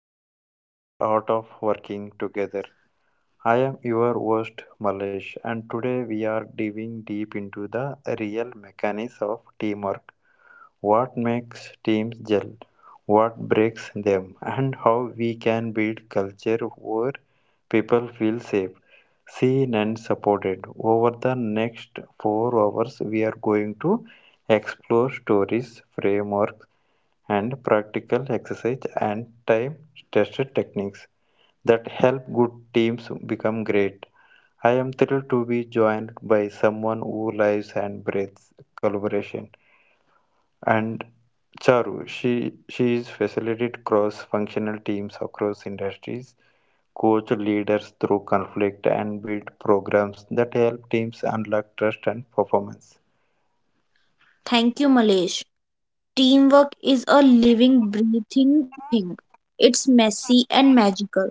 the art and art of working together. I am your host, Malesh, and today we are diving deep into the real mechanics of teamwork. What makes teams gel? What breaks them? And how we can build culture where people feel safe, seen, and supported. Over the next 4 hours, we are going to explore stories, frameworks, and practical exercise and time tested techniques that help good teams become great. I am thrilled to be joined by someone who lives and breathes collaboration. And Charu, she is facilitated cross functional teams across industries, coach leaders through conflict, and build programs that help teams unlock trust and performance. Thank you, Malesh. Teamwork is a living, breathing thing. It's messy and magical.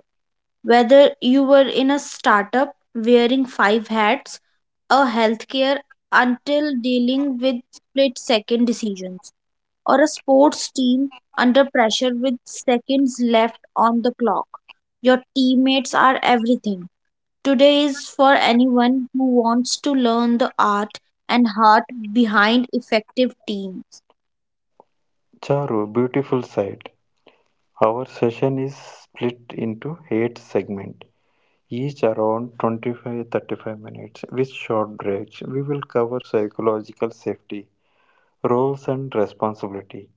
Whether you were in a startup wearing five hats, a healthcare until dealing with split second decisions, or a sports team under pressure with seconds left on the clock, your teammates are everything. Today is for anyone who wants to learn the art and heart behind effective teams. Charu, beautiful sight. Our session is split into eight segments, each around 25–35 minutes with short breaks. We will cover psychological safety, roles and responsibility,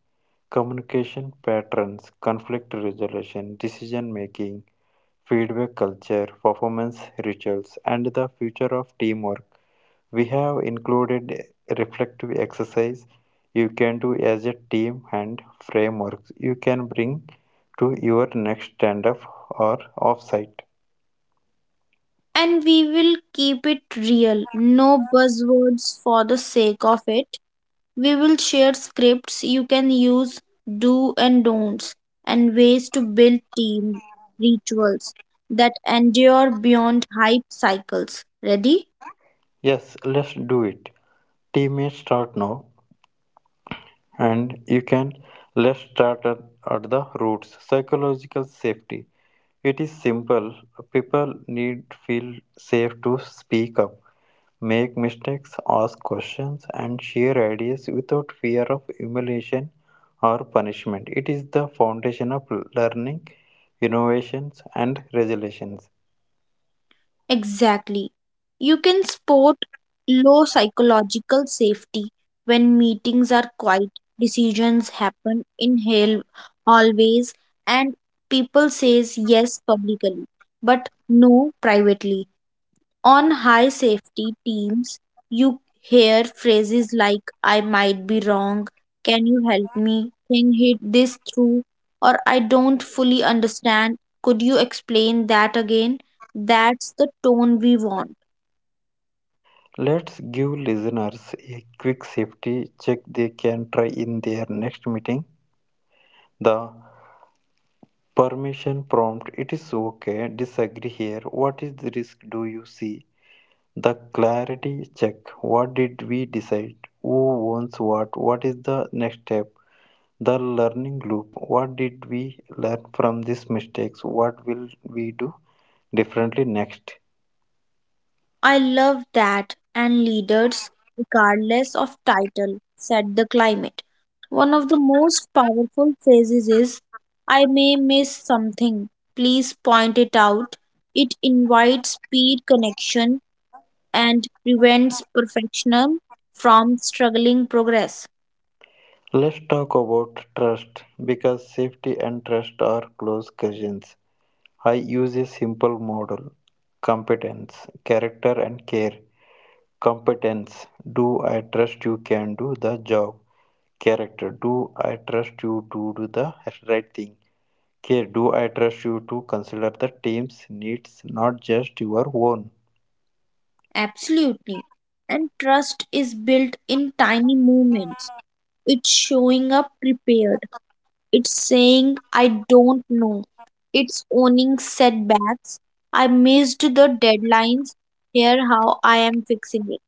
communication patterns, conflict resolution, decision making, feedback culture, performance rituals, and the future of teamwork. We have included a reflective exercise you can do as a team and frameworks you can bring to your next stand up or offsite. And we will keep it real, no buzzwords for the sake of it. We will share scripts you can use, do and don'ts, and ways to build team rituals that endure beyond hype cycles. Ready? Yes, let's do it. Teammates start now and you can let's start at the roots. Psychological safety. It is simple. People need feel safe to speak up. Make mistakes, ask questions, and share ideas without fear of humiliation or punishment. It is the foundation of learning, innovations, and resilience. Exactly. You can sport low psychological safety when meetings are quiet, decisions happen in hell always, and people says yes publicly, but no privately. On high safety teams, you hear phrases like, I might be wrong, can you help me, can hit this through, or I don't fully understand, could you explain that again? That's the tone we want. Let's give listeners a quick safety check they can try in their next meeting. The permission prompt it is okay, disagree here. What is the risk do you see? The clarity check what did we decide? Who owns what? What is the next step? The learning loop. What did we learn from these mistakes? What will we do differently next? I love that, and leaders, regardless of title, set the climate. One of the most powerful phrases is I may miss something, please point it out. It invites peer connection and prevents perfectionism from struggling progress. Let's talk about trust because safety and trust are close cousins. I use a simple model competence, character, and care. Competence. Do I trust you can do the job? Character. Do I trust you to do the right thing? Care. Do I trust you to consider the team's needs, not just your own? Absolutely. And trust is built in tiny movements. It's showing up prepared. It's saying, I don't know. It's owning setbacks. I missed the deadlines. Here how I am fixing it.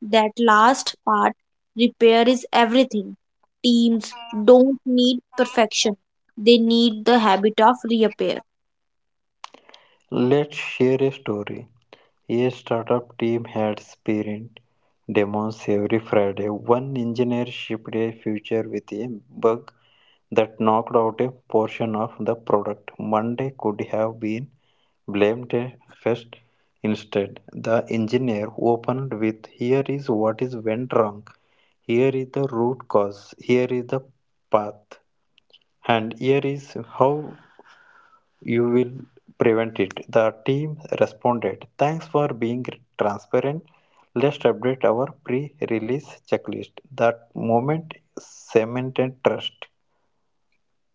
That last part, repair is everything. Teams don't need perfection. They need the habit of repair. Let's share a story. A startup team had sprint demos every Friday. One engineer shipped a feature with a bug that knocked out a portion of the product. Monday could have been blamed a fest. Instead, the engineer opened with, here is what is went wrong. Here is the root cause. Here is the path. And here is how you will prevent it. The team responded, thanks for being transparent. Let's update our pre release checklist. That moment cemented trust.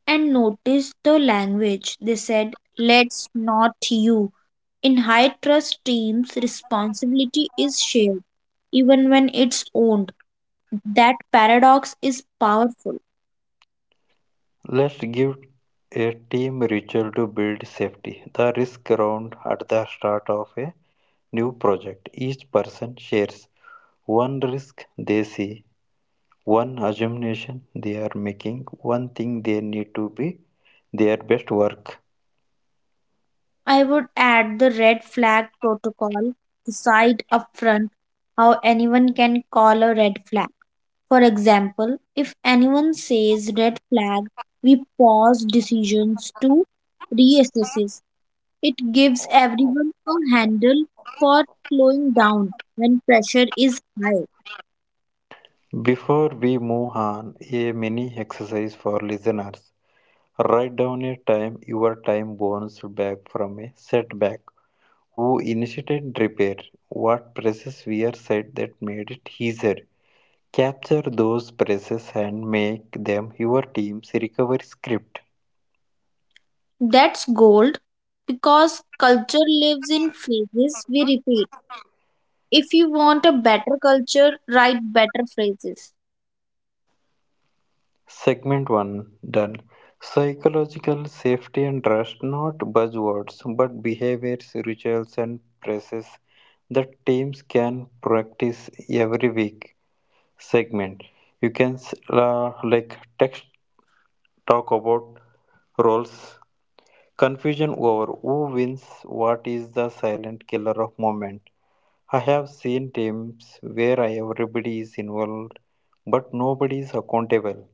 And notice the language. They said, let's not you. In high trust teams, responsibility is shared, even when it's owned. That paradox is powerful. Let's give a team ritual to build safety. The risk round at the start of a new project. Each person shares one risk they see, one assumption they are making, one thing they need to be their best work. I would add the red flag protocol, decide upfront how anyone can call a red flag. For example, if anyone says red flag, we pause decisions to reassess. It gives everyone a handle for slowing down when pressure is high. Before we move on, a mini exercise for listeners. Write down a time your time bounced back from a setback. Who initiated repair? What process were said that made it easier? Capture those processes and make them your team's recovery script. That's gold because culture lives in phases we repeat. If you want a better culture, write better phrases. Segment 1 done. Psychological safety and trust, not buzzwords, but behaviors, rituals, and practices that teams can practice every week. Segment. You can s- like text talk about roles. Confusion over who wins what is the silent killer of moment. I have seen teams where everybody is involved but nobody is accountable.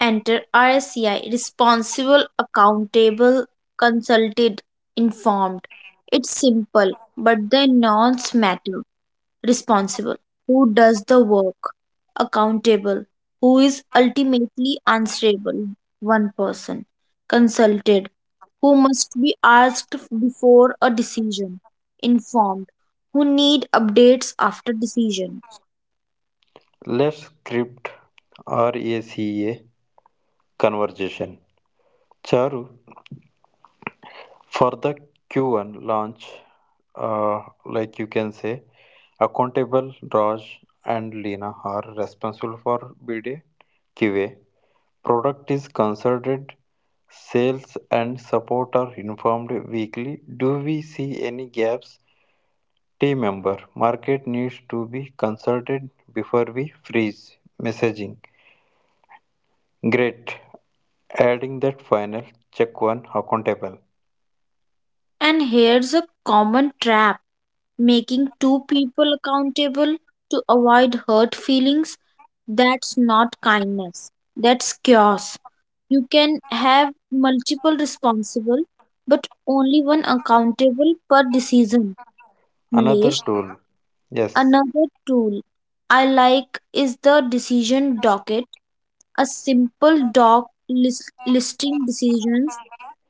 Enter RSCI responsible, accountable, consulted, informed. It's simple, but the nouns matter. Responsible, who does the work? Accountable, who is ultimately answerable? One person. Consulted, who must be asked before a decision. Informed, who need updates after decision. Let's script RACA conversation. Charu, for the Q1 launch, uh, you can say, accountable Raj and Lena are responsible for BD QA. Product is consulted, sales and support are informed weekly. Do we see any gaps? Team member, market needs to be consulted before we freeze messaging. Great. Adding that final check one accountable. And here's a common trap making two people accountable to avoid hurt feelings. That's not kindness, that's chaos. You can have multiple responsible, but only one accountable per decision. Another Malesh, tool. Yes, another tool I like is the decision docket, a simple doc listing decisions,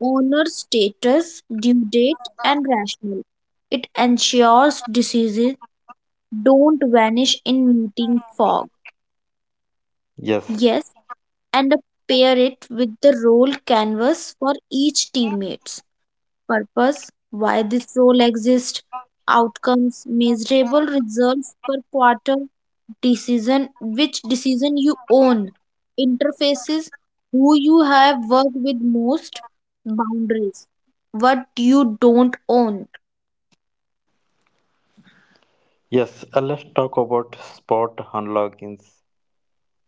owner status, due date, and rationale. It ensures diseases don't vanish in meeting fog. yes, Yes, and pair it with the role canvas for each teammates. Purpose, why this role exists, outcomes, measurable results per quarter, decision which decision you own, interfaces who you have worked with most, boundaries what you don't own. yes. Let's talk about spot unlockings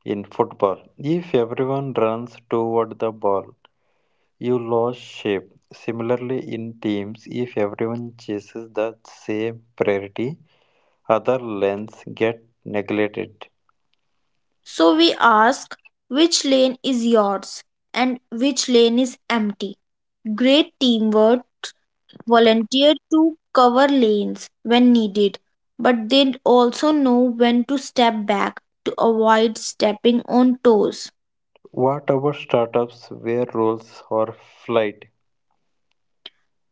in football. If everyone runs toward the ball, you lose shape. Similarly, in teams, if everyone chases the same priority, other lanes get neglected. So we ask which lane is yours and which lane is empty. Great teamwork volunteer to cover lanes when needed, but they also know when to step back to avoid stepping on toes. What about startups where rules are flight?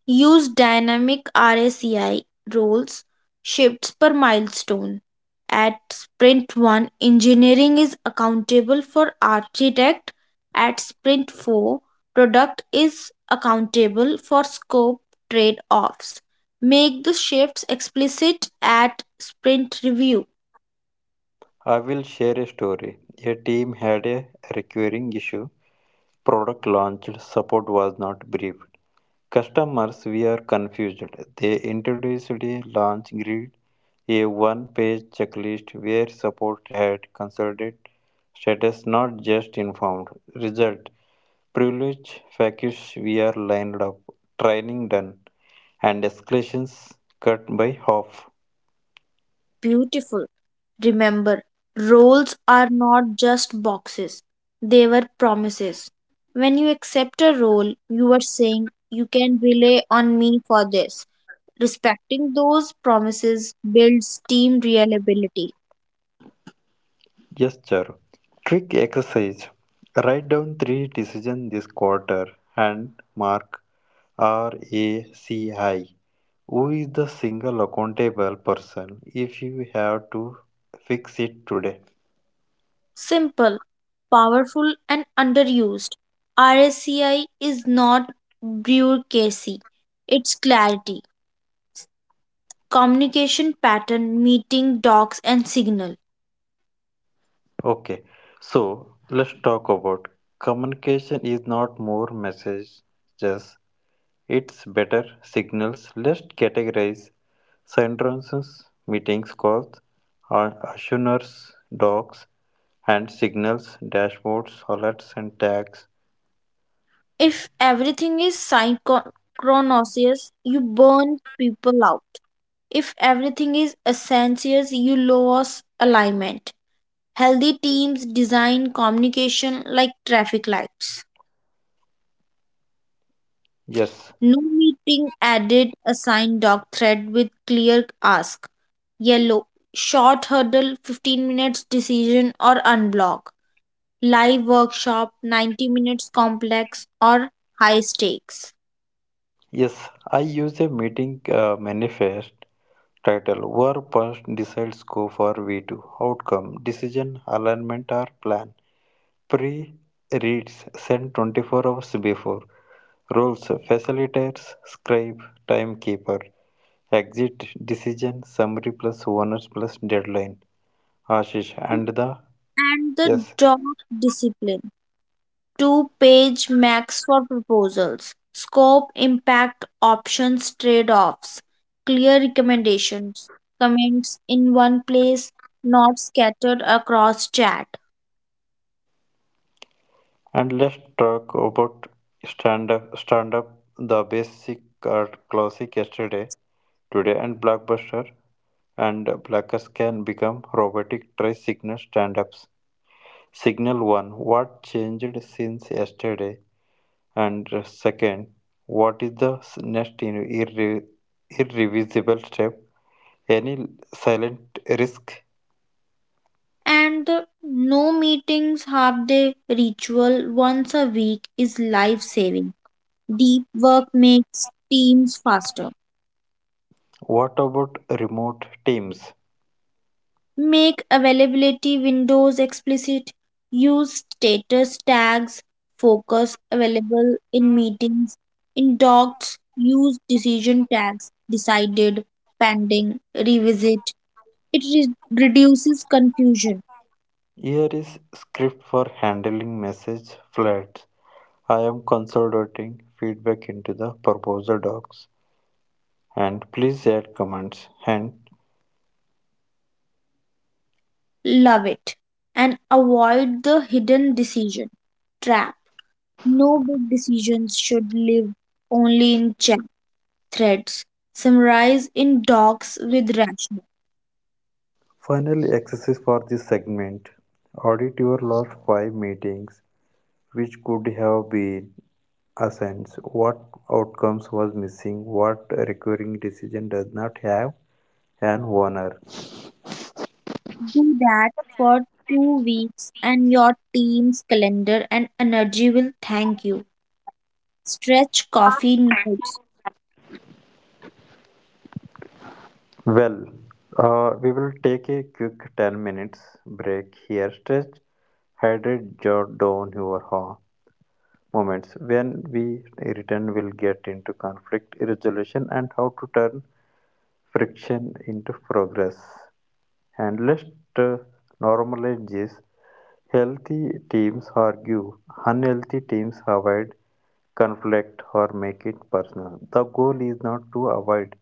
Use dynamic RSCI roles, shifts per milestone. At sprint 1, engineering is accountable for architect. At sprint 4, product is accountable for scope trade offs. Make the shifts explicit at sprint review. I will share a story. A team had a recurring issue product launched, support was not briefed. Customers were confused. They introduced a launch grid, a one page checklist where support had consulted status, not just informed. Result. Privilege factions were lined up, training done, and escalations cut by half. Beautiful. Remember, roles are not just boxes, they were promises. When you accept a role, you are saying, you can rely on me for this. Respecting those promises builds team reliability. Gesture, trick exercise. Write down three decisions this quarter and mark RACI. Who is the single accountable person if you have to fix it today? Simple, powerful, and underused. RSCI is not bureaucracy, it's clarity, communication pattern, meeting docs, and signal. Okay, so let's talk about communication is not more messages, it's better signals. Let's categorize sentences, meetings, calls, and assurance, docs, and signals, dashboards, alerts, and tags. If everything is synchronous, you burn people out. If everything is essential, you lose alignment. Healthy teams design communication like traffic lights. Yes, No meeting added assigned dog thread with clear ask. Yellow. Short hurdle 15 minutes decision or unblock. Live workshop 90 minutes complex or high stakes. Yes, I use a meeting manifest title where person decides go for V2, outcome, decision, alignment or plan. Pre reads sent 24 hours before. Roles facilitators, scribe, timekeeper. Exit decision summary plus owners plus deadline. Ashish and the And the yes. doc discipline. Two-page max for proposals, scope, impact, options, trade offs, clear recommendations, comments in one place, not scattered across chat. And let's talk about stand up. Stand up, the basic or classic yesterday, today, and blockbuster. And blockers can become robotic. Try signal stand ups. Signal one: what changed since yesterday? And second, what is the irrevisible step? Any silent risk? And the no meetings half day ritual once a week is life saving. Deep work makes teams faster. What about remote teams? Make availability windows explicit. Use status tags. Focus available in meetings. In docs, use decision tags decided, pending, revisit. It reduces confusion. Here is script for handling message flood. I am consolidating feedback into the proposal docs and please add comments. And Love it. And avoid the hidden decision trap. No big decisions should live only in chat threads. Summarize in docs with rationale. finally, exercise for this segment. Audit your last five meetings, which could have been assigned, what outcomes was missing, what recurring decision does not have an owner. Do that for 2 weeks and your team's calendar and energy will thank you. Stretch coffee notes. Well, we will take a quick 10 minutes break here. Stretch, hydrate, jot down your moments when we return will get into conflict resolution and how to turn friction into progress. And let's uh, normalize this. Healthy teams argue, unhealthy teams avoid conflict or make it personal. The goal is not to avoid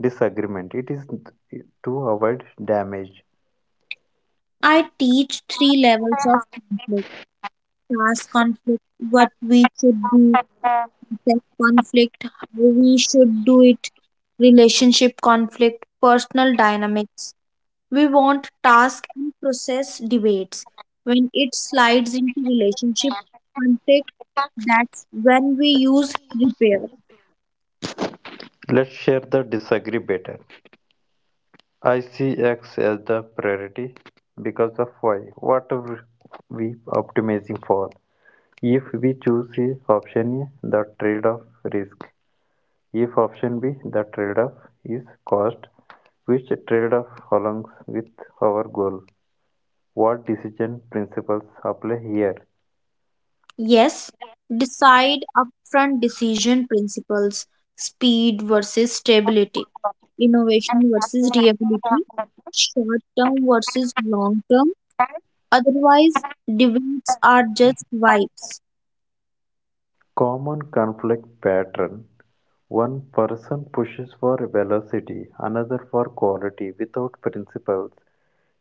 disagreement, it is to avoid damage. I teach three levels of conflict, task conflict, what we should do, tech conflict, how we should do it, relationship conflict, personal dynamics. We want task and process debates. When it slides into relationship conflict, that's when we use repair. Let's share the disagree better. I see X as the priority because of Y. What are we optimizing for? If we choose option A, the trade-off risk. If option B, the trade-off is cost, which trade-off aligns with our goal? What decision principles apply here? Yes, decide upfront decision principles, speed versus stability, innovation versus reliability, short term versus long term. Otherwise, debates are just vibes. Common conflict pattern. One person pushes for velocity, another for quality without principles.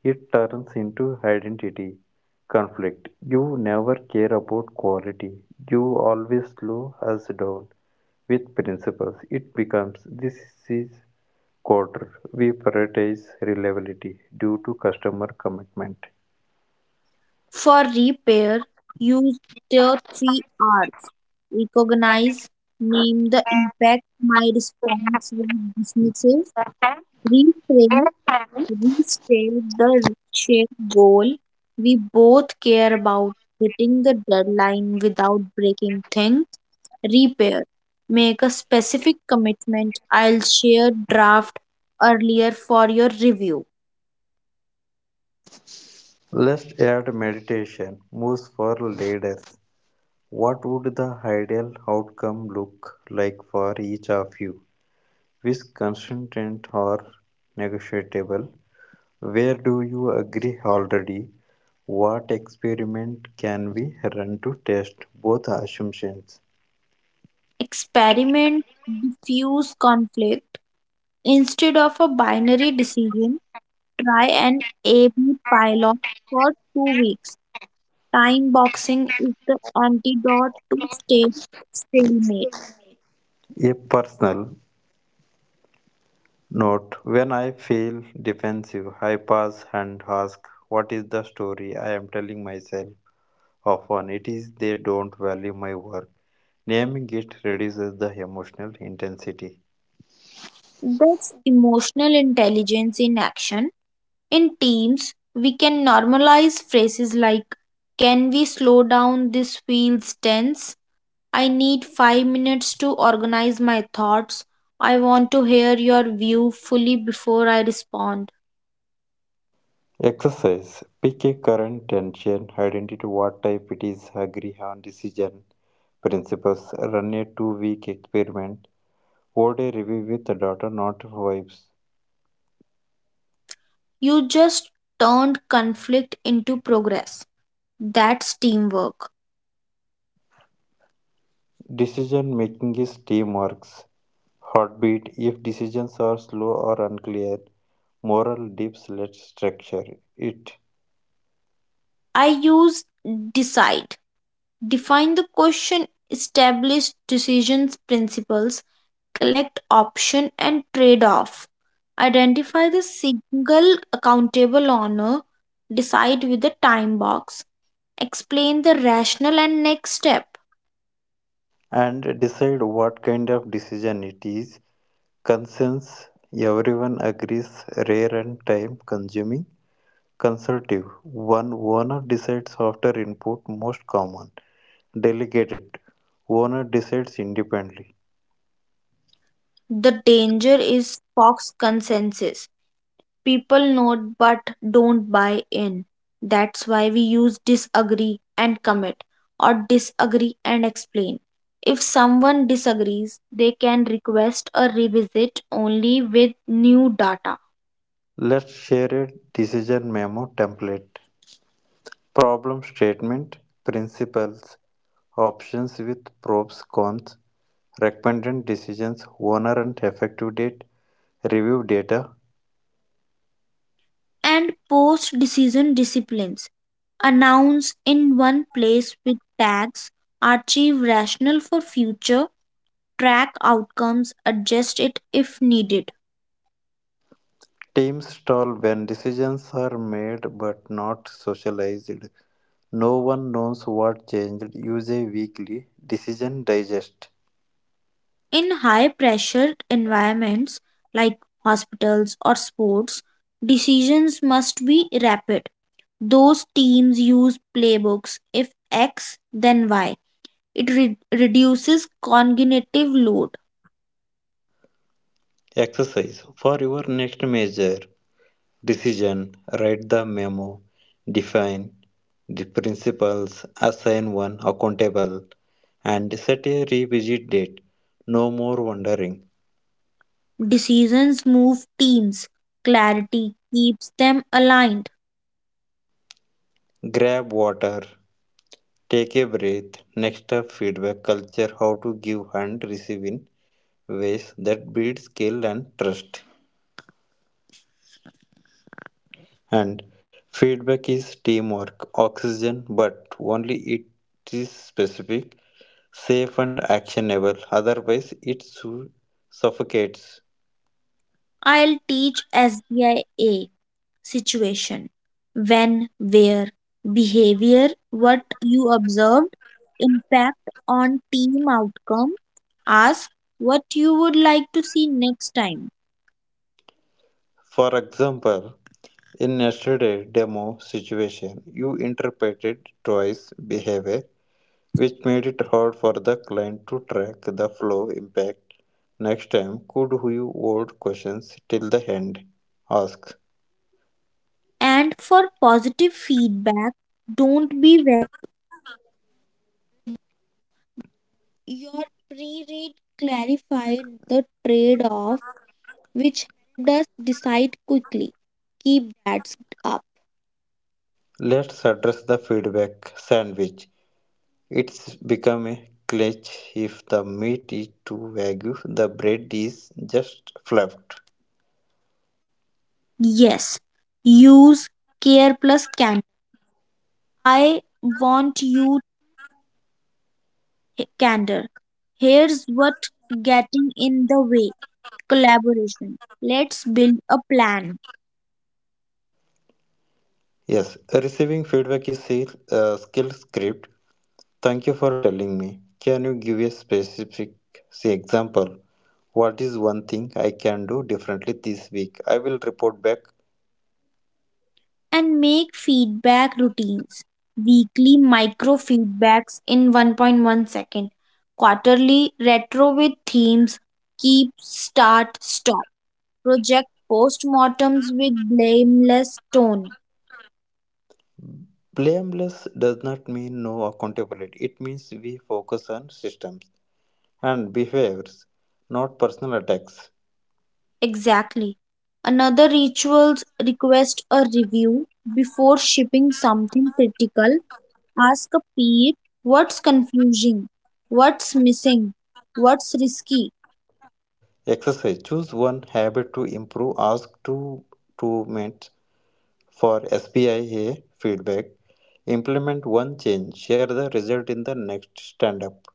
It turns into identity conflict: you never care about quality, you always slow us down with principles. It becomes this is quarter, we prioritize reliability due to customer commitment. For repair, use the three R's, recognize, name the impact, my response was dismissive, reframe, restate the shared goal, we both care about hitting the deadline without breaking things, repair, make a specific commitment, I'll share draft earlier for your review. Let's add meditation moves for leaders. What would the ideal outcome look like for each of you? Which constant or negotiable? Where do you agree already? What experiment can we run to test both assumptions? Experiment diffuse conflict, instead of a binary decision try an ab pilot for 2 weeks. Time boxing is the antidote to state stalemate. A personal note. When I feel defensive, I pause and ask, what is the story I am telling myself? Often it is they don't value my work. Naming it reduces the emotional intensity. That's emotional intelligence in action. In teams, we can normalize phrases like, can we slow down? This feels tense. I need 5 minutes to organize my thoughts. I want to hear your view fully before I respond. Exercise. Pick a current tension, identify what type it is, agree on decision principles, run a 2 week experiment, hold a review with data, not vibes. You just turned conflict into progress. That's teamwork. Decision making is teamwork. Heartbeat. If decisions are slow or unclear, moral dips, let's structure it I use decide. Define the question, establish decisions principles, collect option and trade off. Identify the single accountable owner, decide with the time box, explain the rationale and next step. and decide what kind of decision it is. Consensus. Everyone agrees, rare and time consuming. Consultative: one owner decides after input most common. Delegated: owner decides independently. The danger is Fox consensus. People note but don't buy in. That's why we use disagree and commit or disagree and explain. If someone disagrees, they can request a revisit only with new data. Let's share a decision memo template. Problem statement, principles, options with pros, cons, recommended decisions, owner and effective date, review data. And post decision disciplines, announce in one place with tags, archive rationale for future, track outcomes, adjust it if needed. Teams stall when decisions are made but not socialized. No one knows what changed. Use a weekly decision digest In high pressure environments like hospitals or sports, decisions must be rapid. Those teams use playbooks. If X, then Y. It reduces cognitive load. exercise for your next major decision. Write the memo, define the principles, assign one accountable, and set a revisit date. No more wondering. Decisions move teams. Clarity keeps them aligned. Grab water, take a breath. Next up, feedback culture how to give and receive in ways that build skill and trust. And feedback is teamwork, oxygen, but only it is specific, safe, and actionable. Otherwise, suffocates. I'll teach SBIA, situation when where, behavior what you observed, impact on team outcome, ask what you would like to see next time. For example, in yesterday demo situation, you interpreted twice behavior, which made it hard for the client to track the flow impact. Next time, could you hold questions till the end? Ask. And for positive feedback don't be, Let's address the feedback sandwich. It's become a clutch if the meat is too vague, the bread is just fluffed. use care plus candor. I want you candor. Here's what getting in the way collaboration. Let's build a plan, Yes, receiving feedback is a skill script. Thank you for telling me. Can you give a specific say, example? What is one thing I can do differently this week? I will report back. and make feedback routines. Weekly micro feedbacks in 1.1 second. Quarterly retro with themes. Keep, start, stop. Project postmortems with blameless tone. Blameless does not mean no accountability. It means we focus on systems and behaviors, not personal attacks. Exactly. Another rituals request a review before shipping something critical. Ask a peer what's confusing, what's missing, what's risky. Exercise. Choose one habit to improve. Ask two roommates for SBIA feedback. Implement one change. Share the result in the next stand up.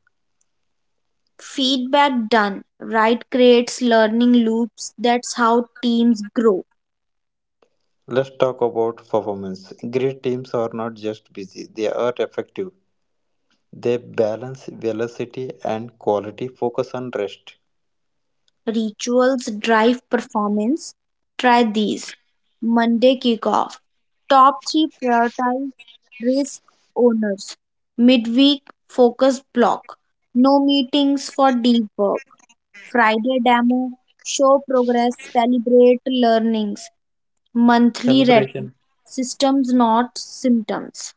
Feedback done right creates learning loops. That's how teams grow. Let's talk about performance. Great teams are not just busy, they are effective. They balance velocity and quality, focus on rest. Rituals drive performance. Try these. Monday kickoff. Top three prioritize risk owners. Midweek focus block. No meetings for deep work. Friday demo. Show progress. Celebrate learnings. Monthly retreat. Celebration. Systems not symptoms.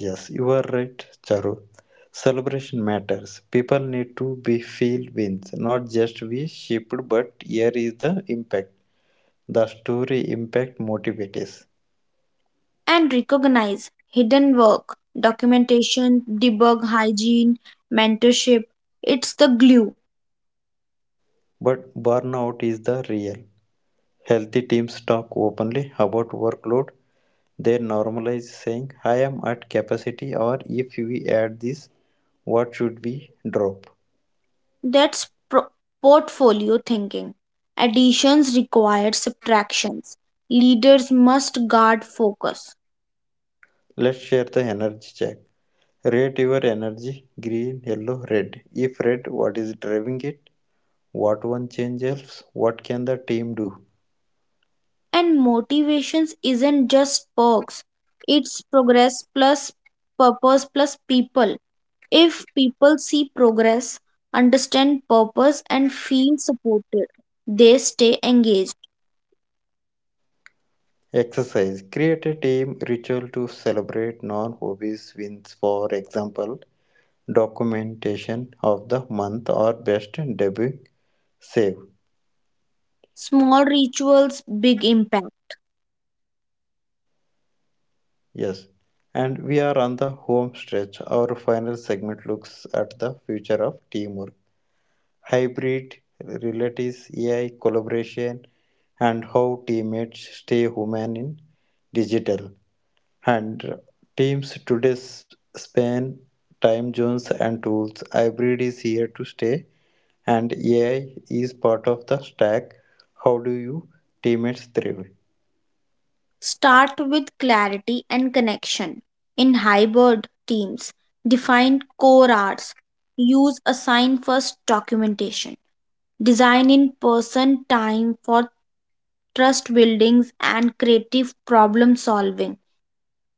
Yes, you are right, Charu. Celebration matters. People need to be feel wins, not just we shipped, but here is the impact. The story impact motivates, And recognize hidden work. Documentation, debug hygiene, mentorship. It's the glue. but burnout is the real. Healthy teams talk openly about workload. They normalize saying, I am at capacity, or if we add this, what should we drop? That's portfolio thinking. Additions require subtractions. Leaders must guard focus. Let's share the energy check. Rate your energy green, yellow, red. If red, what is driving it? What one change helps? What can the team do? And motivations isn't just perks, it's progress plus purpose plus people. If people see progress, understand purpose, and feel supported, they stay engaged. Exercise. Create a team ritual to celebrate non hobbies wins. For example, documentation of the month or best debut save. Small rituals, big impact. Yes. And we are on the home stretch. Our final segment looks at the future of teamwork, hybrid relatives, AI collaboration, and how teammates stay human in digital. And teams today span time zones and tools. Hybrid is here to stay, and AI is part of the stack. How do you teammates thrive? Start with clarity and connection. In hybrid teams, define core hours. Use assign first documentation. Design in person time for trust buildings and creative problem solving.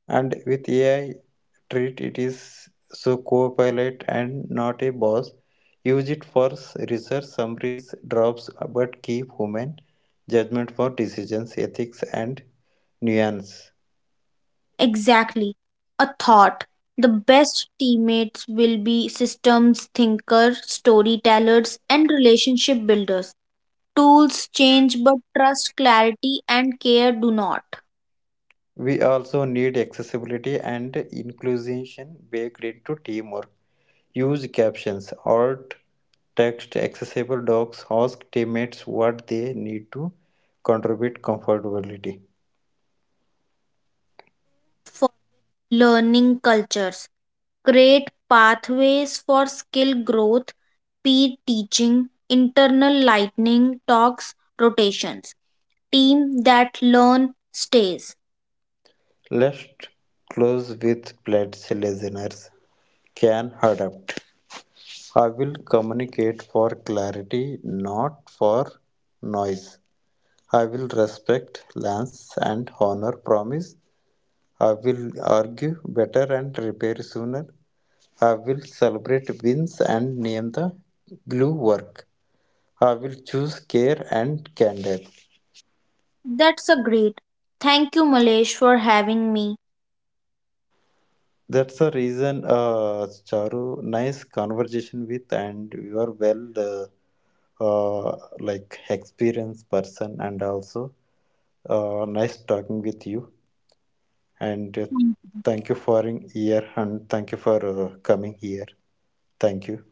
And with AI, treat it is so co-pilot and not a boss. Use it for research summaries, drops, but keep human judgment for decisions, ethics, and nuance. Exactly. A thought. The best teammates will be systems thinkers, storytellers, and relationship builders. Tools change, but trust, clarity, and care do not. We also need accessibility and inclusion baked into teamwork. Use captions alt text accessible docs. Ask teammates what they need to contribute comfortability. Create pathways for skill growth, peer teaching, internal lightning talks, rotations. Team that learn stays. Let's close with pledge listeners can adapt. I will communicate for clarity, not for noise. I will respect lands and honor promise. I will argue better and repair sooner. I will celebrate wins and name the glue work. I will choose care and candor. That's a great. Thank you, Malesh, for having me. That's the reason, Charu, nice conversation with, and you are well, experienced person, and also nice talking with you. And Thank you. Thank you for in here, and thank you for coming here. Thank you.